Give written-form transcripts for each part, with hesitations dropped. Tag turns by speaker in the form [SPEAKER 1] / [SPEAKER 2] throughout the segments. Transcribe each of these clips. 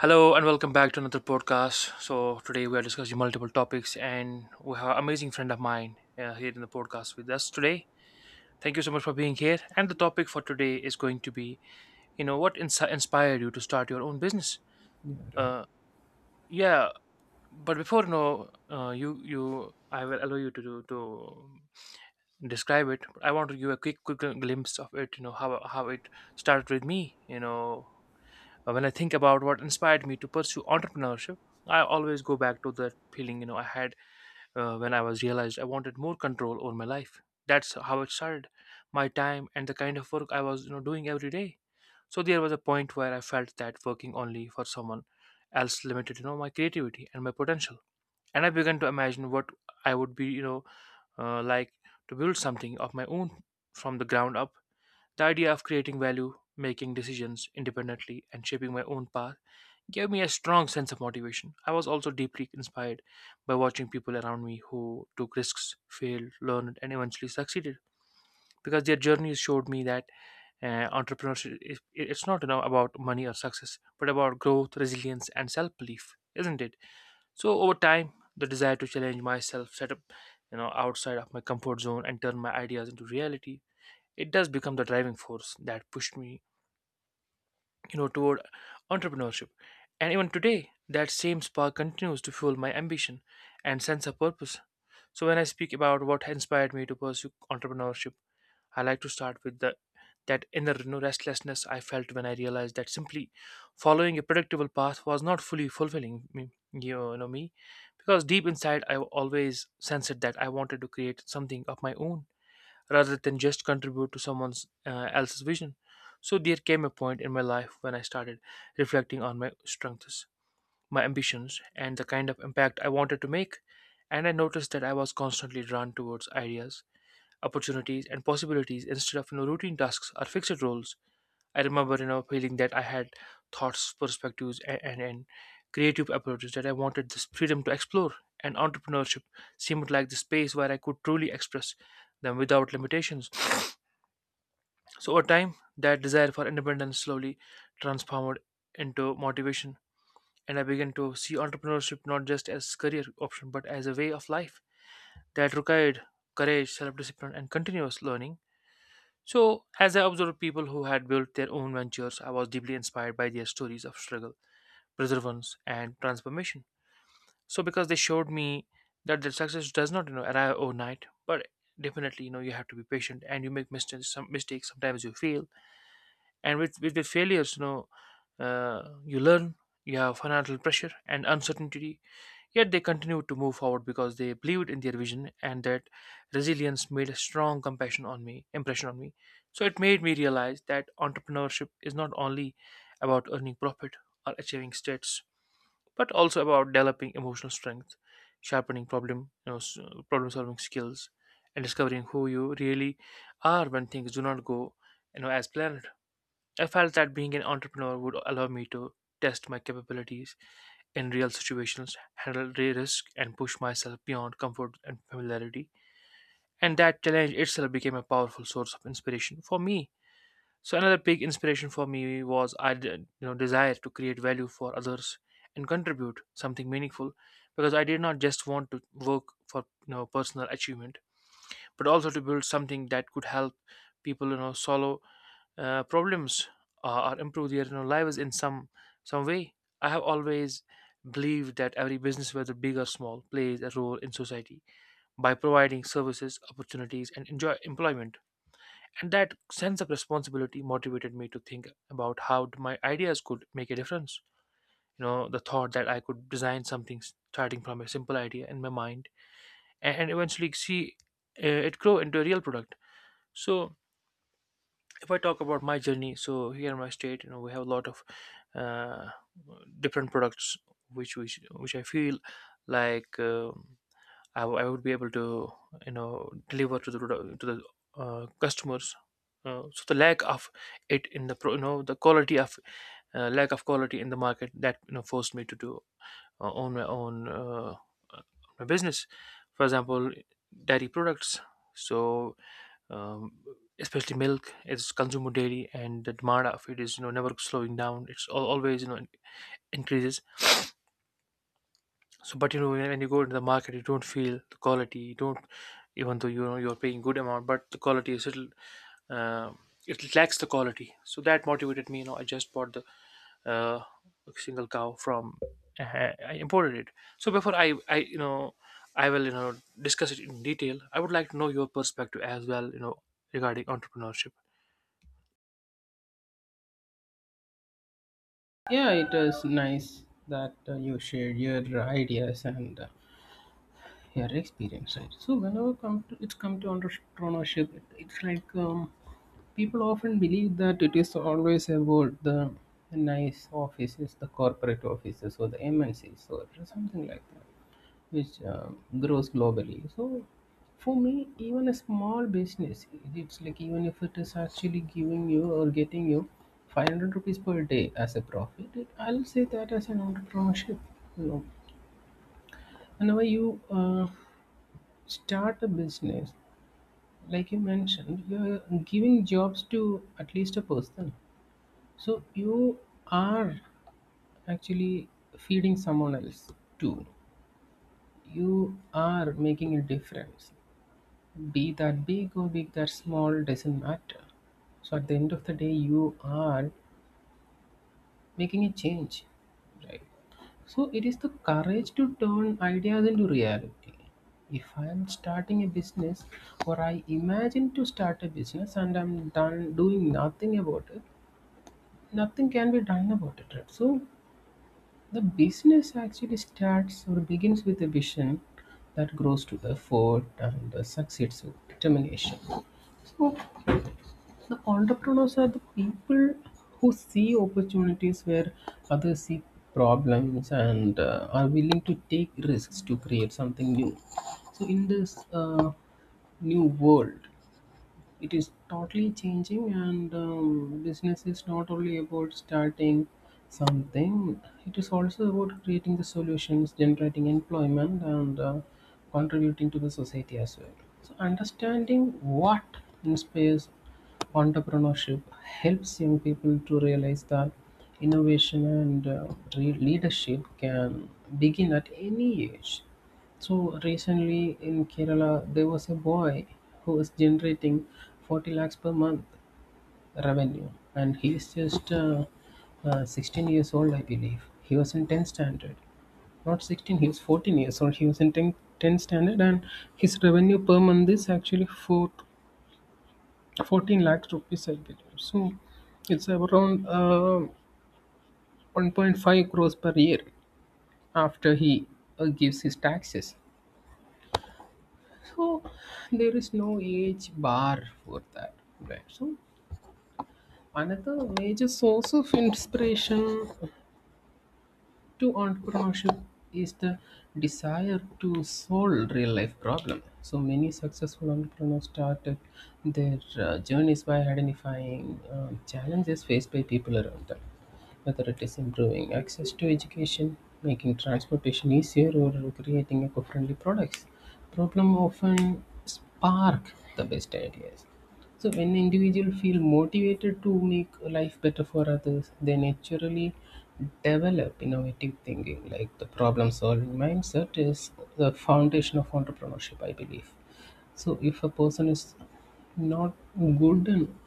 [SPEAKER 1] Hello and welcome back to another podcast. So today we are discussing multiple topics, and we have an amazing friend of mine here in the podcast with us today. Thank you so much for being here. And the topic for today is going to be, you know, what inspired you to start your own business?
[SPEAKER 2] Yeah, right.
[SPEAKER 1] Uh, yeah, but before you know, you you I will allow you to describe it. I want to give a quick glimpse of it. You know how it started with me. When I think about what inspired me to pursue entrepreneurship, I always go back to that feeling you know I had when I was realized I wanted more control over my life. That's how it started, my time and the kind of work I was you know doing every day. So there was a point where I felt that working only for someone else limited you know my creativity and my potential, and I began to imagine what I would be like to build something of my own from the ground up. The idea of creating value, making decisions independently, and shaping my own path gave me a strong sense of motivation. I was also deeply inspired by watching people around me who took risks, failed, learned, and eventually succeeded. Because their journeys showed me that entrepreneurship it's not you know, about money or success, but about growth, resilience, and self-belief, isn't it? So over time, the desire to challenge myself, set up, you know, outside of my comfort zone, and turn my ideas into reality, it does become the driving force that pushed me you know toward entrepreneurship. And even today that same spark continues to fuel my ambition and sense of purpose. So when I speak about what inspired me to pursue entrepreneurship, I like to start with the that inner you know, restlessness I felt when I realized that simply following a predictable path was not fully fulfilling me you know me, because deep inside I always sensed that I wanted to create something of my own rather than just contribute to someone else's vision. So there came a point in my life when I started reflecting on my strengths, my ambitions, and the kind of impact I wanted to make, and I noticed that I was constantly drawn towards ideas, opportunities, and possibilities instead of you know, routine tasks or fixed roles. I remember you know feeling that I had thoughts, perspectives, and creative approaches that I wanted this freedom to explore, and entrepreneurship seemed like the space where I could truly express them without limitations. So over time, that desire for independence slowly transformed into motivation, and I began to see entrepreneurship not just as career option but as a way of life that required courage, self-discipline, and continuous learning. So as I observed people who had built their own ventures, I was deeply inspired by their stories of struggle, perseverance, and transformation. So because they showed me that the success does not you know arrive overnight, but definitely you know you have to be patient and you make mistakes. Some mistakes sometimes you fail and with the failures you know you learn. You have financial pressure and uncertainty, yet they continue to move forward because they believed in their vision, and that resilience made a strong compassion on me impression on me. So it made me realize that entrepreneurship is not only about earning profit or achieving status, but also about developing emotional strength, sharpening problem you know s- problem solving skills, and discovering who you really are when things do not go you know as planned. I felt that being an entrepreneur would allow me to test my capabilities in real situations, handle risk, and push myself beyond comfort and familiarity. And that challenge itself became a powerful source of inspiration for me. So another big inspiration for me was I, you know, desire to create value for others and contribute something meaningful, because I did not just want to work for you know personal achievement, but also to build something that could help people, you know, solve problems or improve their you know, lives in some way. I have always believed that every business, whether big or small, plays a role in society by providing services, opportunities, and enjoy employment. And that sense of responsibility motivated me to think about how my ideas could make a difference. You know, the thought that I could design starting from a simple idea in my mind and eventually see it grow into a real product. So if I talk about my journey, so here in my state, you know, we have a lot of uh, different products which which I feel like I, I would be able to you know deliver to the customers. So the lack of it in you know the quality of lack of quality in the market that you know forced me to do own uh, my business. For example, dairy products. So um, especially milk is consumed daily, and the demand of it is you know never slowing down. It's always you know increases. So but you know when you go into the market, you don't feel the quality. You don't, even though you know you're paying good amount, but the quality is little uh, it lacks the quality. So that motivated me, you know, I just bought the uh, single cow from I imported it. So before I you know I will you know discuss it in detail, I would like to know your perspective as well you know regarding entrepreneurship.
[SPEAKER 2] Yeah, it was nice that you shared your ideas and your experience. Right? So whenever come to, it's come to entrepreneurship, it's like people often believe that it is always about the nice offices, the corporate offices, or the MNCs or something like that, which grows globally. So for me, even a small business, it's like even if it is actually giving you or getting you 500 rupees per day as a profit, I'll say that as an entrepreneurship. You know, whenever you start a business, like you mentioned, you're giving jobs to at least a person. So you are actually feeding someone else too. You are making a difference. Be that big or be that small, doesn't matter. So at the end of the day, you are making a change, right? So it is the courage to turn ideas into reality. If I am starting a business or I imagine to start a business and I'm done doing nothing about it, nothing can be done about it. Right? So the business actually starts or begins with a vision that grows to effort and succeeds with determination. So the entrepreneurs are the people who see opportunities where others see problems, and are willing to take risks to create something new. So in this new world, it is totally changing, and business is not only about starting something, it is also about creating the solutions, generating employment, and contributing to the society as well. So understanding what inspires entrepreneurship helps young people to realize that innovation and leadership can begin at any age. So recently in Kerala, there was a boy who was generating 40 lakhs per month revenue, and he is just 16 years old, I believe. He was in 10th standard, not 16. He was 14 years old. He was in 10th standard, and his revenue per month is actually 14 lakhs rupees, I believe. So it's around 1.5 crores per year after he gives his taxes. So there is no age bar for that, right? So another major source of inspiration to entrepreneurship is the desire to solve real life problem. So many successful entrepreneurs started their journeys by identifying challenges faced by people around them, whether it is improving access to education, making transportation easier, or creating eco-friendly products. Problem often spark the best ideas. So when individual feel motivated to make life better for others, they naturally develop innovative thinking. Like the problem solving mindset is the foundation of entrepreneurship, I believe. So if a person is not good in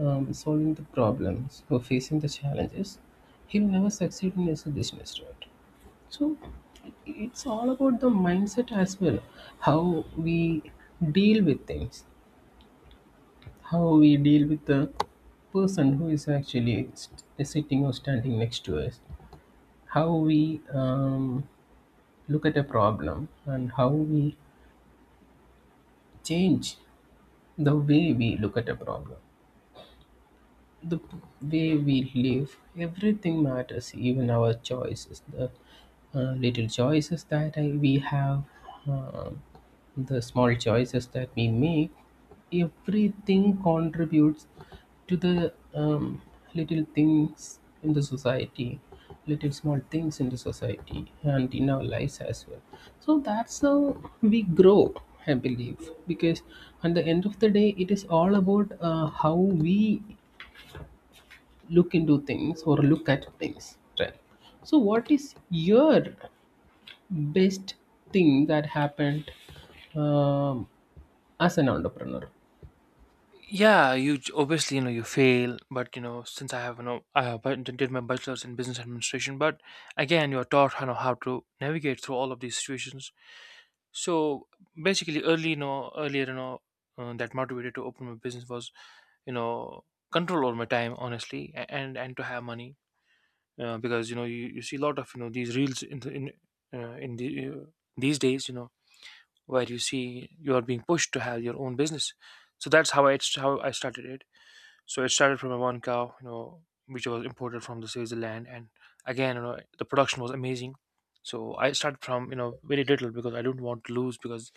[SPEAKER 2] solving the problems or facing the challenges, he will never succeed in his business, right? So it's all about the mindset as well, how we deal with things, how we deal with the person who is actually sitting or standing next to us, how we look at a problem, and how we change the way we look at a problem. The way we live, everything matters, even our choices, the little choices that we have, um the small choices that we make, everything contributes to the little things in the society, little small things in the society, and in our lives as well. So that's how we grow, I believe, because at the end of the day, it is all about how we look into things or look at things, right? So what is your best thing that happened um, as an entrepreneur?
[SPEAKER 1] Yeah, you obviously you know you fail, but you know since I have you know I have did my bachelor's in business administration, but again you're taught you know how to navigate through all of these situations. So basically early you know earlier you know that motivated to open my business was you know control over my time, honestly, and to have money because you know you see a lot of you know these reels in uh, in the uh, these days, you know, where you see you are being pushed to have your own business. So that's how I started it. So it started from a one cow, you know, which was imported from the Switzerland, and again, you know, the production was amazing. So I started from you know very little, because I don't want to lose, because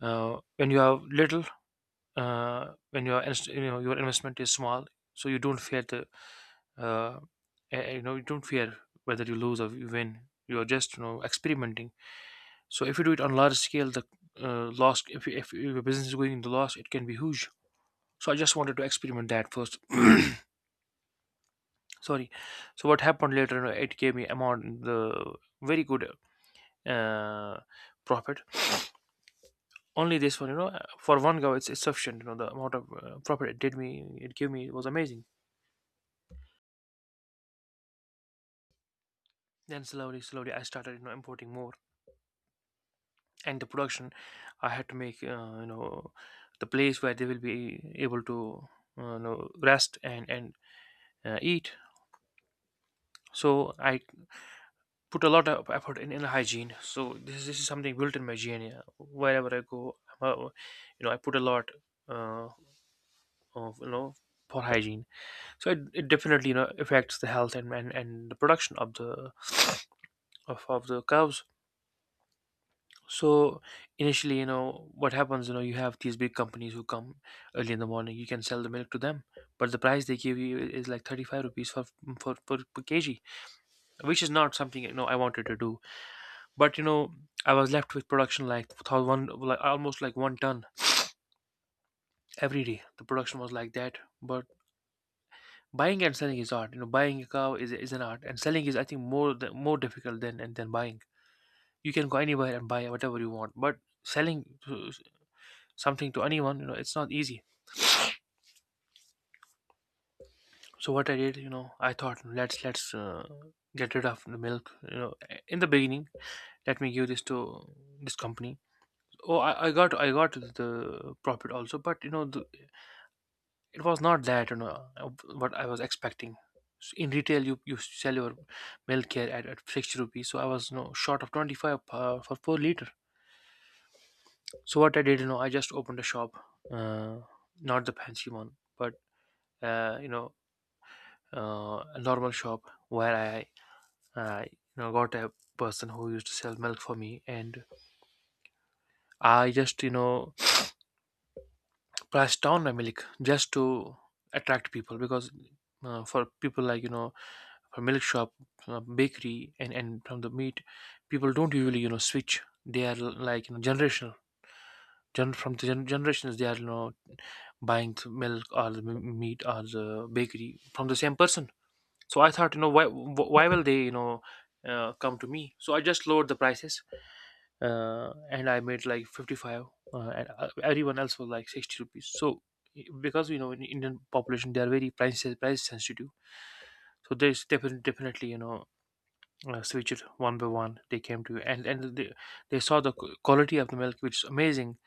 [SPEAKER 1] when you have little, when your you know your investment is small, so you don't fear the uh, you know you don't fear whether you lose or you win. You are just you know experimenting. So if you do it on large scale, the loss if you, if your business is going in the loss, it can be huge. So I just wanted to experiment that first. Sorry. So what happened later you know, it gave me amount the very good uh, profit. Only this one, you know, for one go, it's sufficient. You know, the amount of profit it gave me was amazing. Then slowly I started you know importing more, and the production I had to make you know the place where they will be able to you know rest and eat. So I put a lot of effort in inner hygiene. So this is something built in my gene. Yeah. Wherever I go, I'm a- you know, I put a lot uh, of you know for hygiene. So it definitely you know affects the health, and the production of the of the cows. So initially, you know, what happens, you know, you have these big companies who come early in the morning. You can sell the milk to them, but the price they give you is like 35 rupees for per kg, which is not something you know I wanted to do. But you know, I was left with production like like almost like 1 ton every day. The production was like that. But buying and selling is art. You know, buying a cow is an art, and selling is I think more difficult than and than buying. You can go anywhere and buy whatever you want, but selling to, something to anyone, you know, it's not easy. So what I did, you know, I thought, "No, let's get rid of the milk. You know, in the beginning, let me give this to this company." Oh, I got I got the profit also, but you know it was not that what I was expecting. In retail, you sell your milk here at 60 rupees, so I was short of 25 for 4 liter. So what I did, you know, I just opened a shop, uh, not the fancy one, but uh, you know, a normal shop where I got a person who used to sell milk for me, and I just price down my milk just to attract people. Because for people like, you know, for milk shop, bakery and from the meat, people don't usually, you know, switch. They are like, you know, generational. From the generations they are, you know, buying the milk or the meat or the bakery from the same person. So I thought, you know, why will they, you know, come to me? So I just lowered the prices, and I made like 55, and everyone else was like 60 rupees. So because, you know, in Indian population they are very price sensitive, so there's definitely you know, switch it one by one. They came to, and they saw the quality of the milk, which is amazing.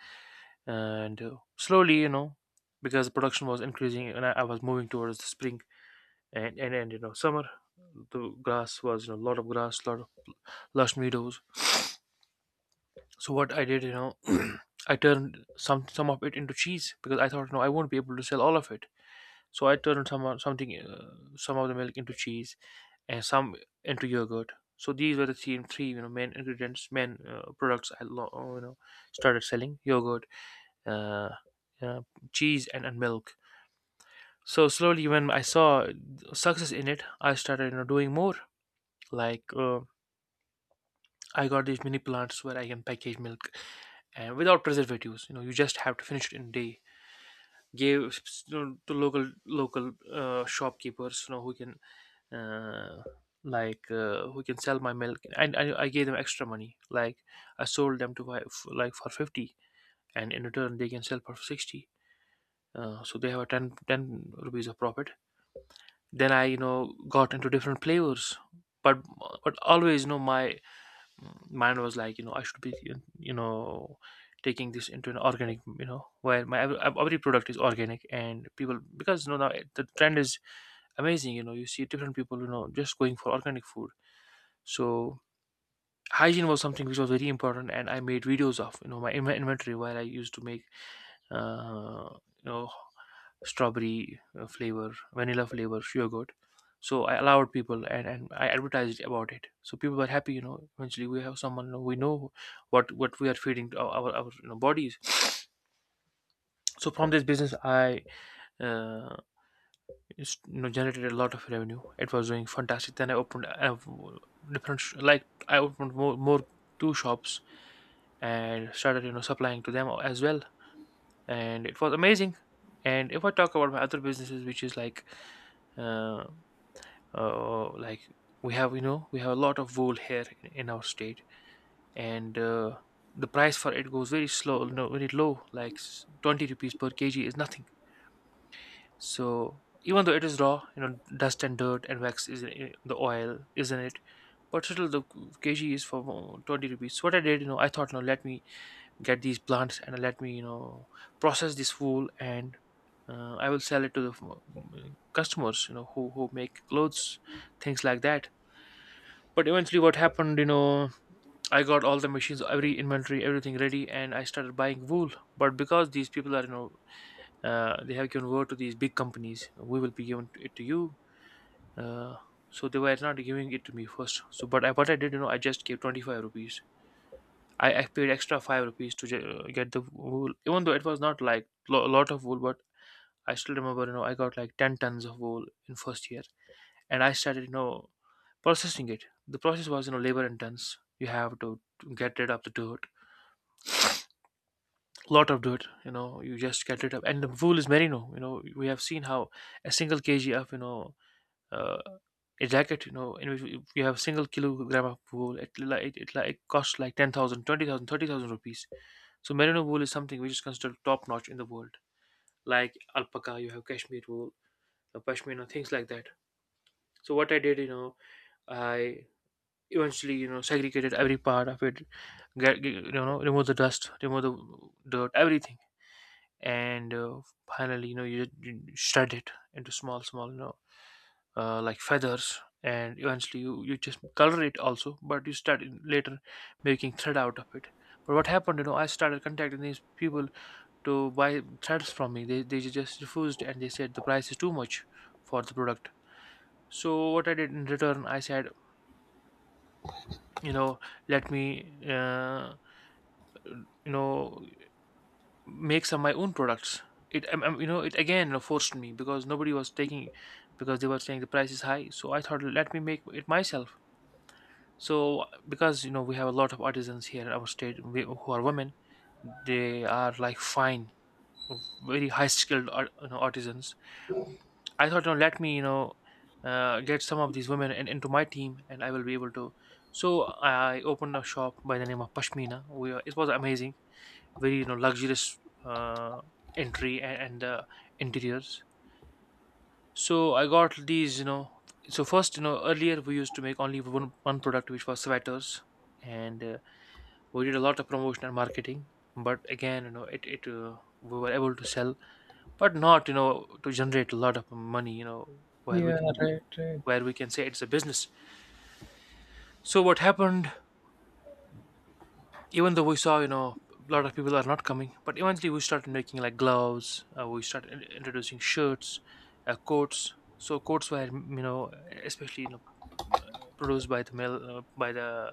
[SPEAKER 1] And slowly, you know, because the production was increasing and I was moving towards the spring and you know, summer. The grass was, you know, a lot of grass, lot of lush meadows. So what I did, you know, I turned some of it into cheese, because I thought, no, I won't be able to sell all of it. So I turned some of the milk into cheese and some into yogurt. So these were the three, you know, main ingredients, main products you know, started selling: yogurt, uh, uh, cheese, and milk. So slowly, when I saw success in it, I started, you know, doing more, like. I got these mini plants where I can package milk and without preservatives. You know, you just have to finish it in a day. Gave, you know, to local shopkeepers, you know, who can uh, who can sell my milk, and I gave them extra money. Like I sold them to buy like for 50, and in return they can sell for 60. So they have a 10, 10 rupees of profit. Then I, you know, got into different flavors, but but always, you know, my mine was like, you know, I should be, you know, taking this into an organic, you know, where my every product is organic. And people, because, you know, now the trend is amazing. You know, you see different people, you know, just going for organic food. So hygiene was something which was very important, and I made videos of, you know, inventory while I used to make, uh, you know, strawberry, flavor, vanilla flavor yogurt. So I allowed people, and I advertised about it. So people were happy, you know, eventually. We have someone, you know, we know what we are feeding to our, you know, bodies. So from this business, I, uh, it's, you know, generated a lot of revenue. It was doing fantastic. Then I opened a like I opened more, two shops, and started, you know, supplying to them as well. And it was amazing. And if I talk about my other businesses, which is like, uh, uh like we have, we have a lot of wool here in our state. And the price for it goes very slow, you know, very low, like 20 rupees per kg is nothing. So even though it is raw, you know, dust and dirt and wax is in the oil, isn't it? But still, the kg is for 20 rupees. So what I did, you know, I thought, no, let me get these plants and let me, you know, process this wool. And I will sell it to the customers, you know, who make clothes, things like that. But eventually, what happened, you know, I got all the machines, every inventory, everything ready, and I started buying wool. But because these people are, you know, they have given word to these big companies, we will be giving it to you. uh, so they were not giving it to me first. So but what I did, you know, I just gave 25 rupees. I paid extra 5 rupees to get the wool, even though it was not like a lot of wool. But I still remember, you know, I got like 10 tons of wool in first year. And I started, you know, processing it. The process was, you know, labor intense. You have to get rid of the dirt, lot of dirt. You know, you just get rid of. And the wool is merino. You know, we have seen how a single kg of, you know, uh, a jacket, you know, in which if you have a single kilogram of wool, it costs like 10,000, 20,000, 30,000 rupees. So merino wool is something which is considered top notch in the world. Like alpaca, you have cashmere wool, pashmina, things like that. So what I did, you know, I eventually, you know, segregated every part of it. You know, remove the dust, remove the dirt, everything. And finally, you know, you shred it into small, you know, like feathers. And eventually you, you just color it also. But you start later making thread out of it. But what happened, you know, I started contacting these people to buy threads from me. They just refused and they said the price is too much for the product. So what I did in return, I said, you know, let me, you know, make some my own products. It, you know, it again, you know, forced me, because nobody was taking, because they were saying the price is high. So I thought, let me make it myself. So because, you know, we have a lot of artisans here in our state, who are women, they are like fine, very high skilled art, you know, artisans. I thought, you know, let me, you know, get some of these women into my team, and I will be able to. So I opened a shop by the name of Pashmina. We are, it was amazing, very, you know, luxurious, uh, entry and, interiors. So I got these, you know. So first, you know, earlier we used to make only one product, which was sweaters. And we did a lot of promotion and marketing. But again, you know, it we were able to sell, but not, you know, to generate a lot of money, you know, where we
[SPEAKER 2] Yeah,
[SPEAKER 1] can,
[SPEAKER 2] right, right.
[SPEAKER 1] where we can say it's a business. So what happened, even though we saw, you know, a lot of people are not coming, but eventually we started making like gloves. We started introducing shirts, coats. So coats were, you know, especially, you know, produced by the mill, by the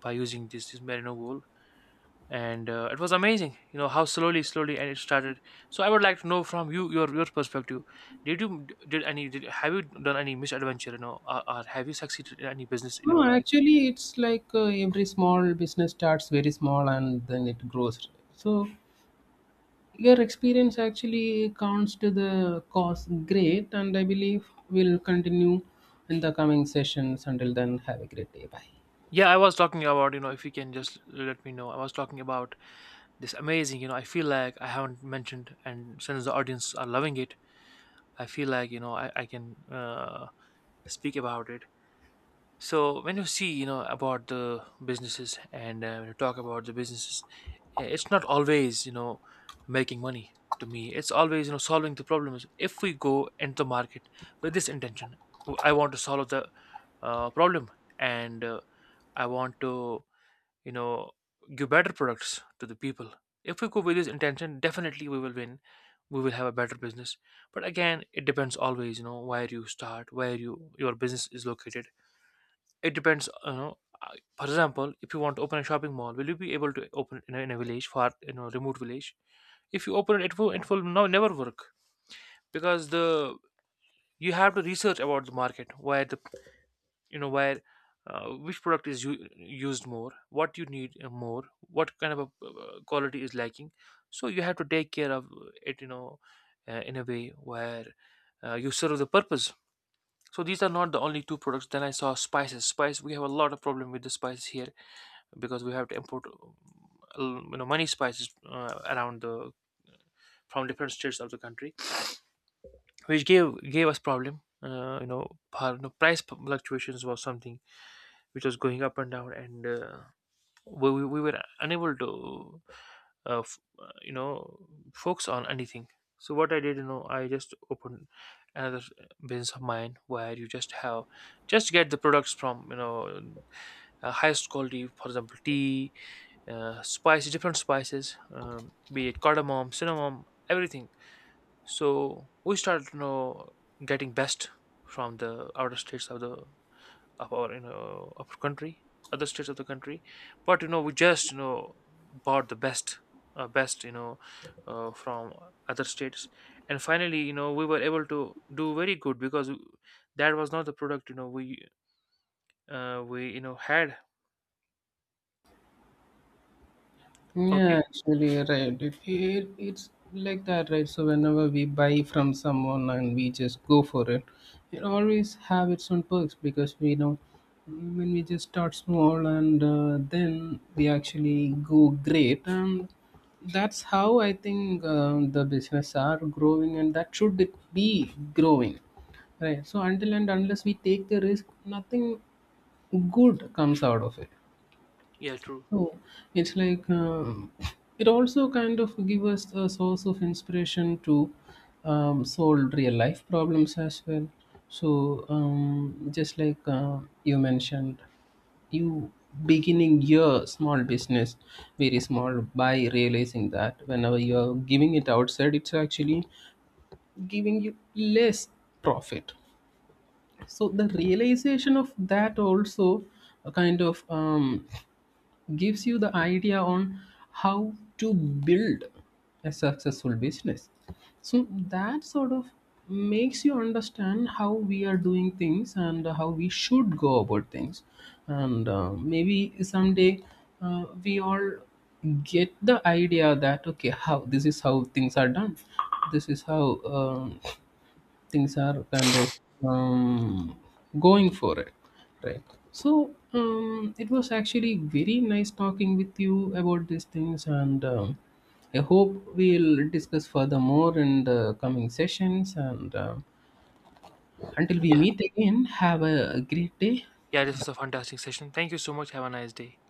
[SPEAKER 1] by using this merino wool. And it was amazing, you know, how slowly and it started. So I would like to know from you your perspective: did have you done any misadventure, you know, or have you succeeded in any business in
[SPEAKER 2] No,
[SPEAKER 1] your life?
[SPEAKER 2] actually, it's like every small business starts very small and then it grows. So your experience actually counts to the cause great, and I believe will continue in the coming sessions. Until then, have a great day. Bye.
[SPEAKER 1] Yeah, I was talking about, you know, if you can just let me know. I was talking about this amazing, you know, I feel like I haven't mentioned, and since the audience are loving it, I feel like, you know, I can, speak about it. So when you see, you know, about the businesses and, when you talk about the businesses, it's not always, you know, making money. To me, it's always, you know, solving the problems. If we go into the market with this intention, I want to solve the, problem. And I want to, you know, give better products to the people. If we go with this intention, definitely we will win. We will have a better business. But again, it depends, always, you know, where you start, where you your business is located. It depends, you know, for example, if you want to open a shopping mall, will you be able to open in a village far, you know, remote village? If you open it, it will, no, never work. Because the, you have to research about the market, where the, you know, where, which product is used more, what you need, more, what kind of a, quality is lacking. So you have to take care of it, you know, in a way where, you serve the purpose. So these are not the only two products. Then I saw spices. Spice, we have a lot of problem with the spices here, because we have to import, you know, many spices, around the, from different states of the country, which gave us problem. You know, par- no, price fluctuations was something which was going up and down. And we were unable to, you know, focus on anything. So what I did, you know, I just opened another business of mine, where you just have, just get the products from, you know, highest quality. For example, tea, spices, different spices, be it cardamom, cinnamon, everything. So we started, you know, getting best from the outer states of the, of our, you know, of our country, other states of the country. But you know, we just, you know, bought the best, best, you know, from other states. And finally, you know, we were able to do very good, because that was not the product, you know, we you know had.
[SPEAKER 2] Yeah,
[SPEAKER 1] Okay.
[SPEAKER 2] actually, right. It's like that, right? So whenever we buy from someone and we just go for it, it always have its own perks because we know when we just start small and then we actually go great, and that's how I think the business are growing, and that should it be growing, right? So until and unless we take the risk, nothing good comes out of it.
[SPEAKER 1] Yeah. True.
[SPEAKER 2] Oh, it's like it also kind of give us a source of inspiration to solve real life problems as well. So just like you mentioned, you beginning your small business very small by realizing that whenever you're giving it outside, it's actually giving you less profit. So the realization of that also a kind of gives you the idea on how to build a successful business, so that sort of makes you understand how we are doing things and how we should go about things. And maybe someday we all get the idea that okay, how this is how things are done, this is how things are kind of um, going for it, right? So it was actually very nice talking with you about these things, and I hope we'll discuss further more in the coming sessions, and until we
[SPEAKER 1] Yeah.
[SPEAKER 2] meet again, have a great day.
[SPEAKER 1] Yeah, this
[SPEAKER 2] Bye.
[SPEAKER 1] was a fantastic session. Thank you so much. Have a nice day.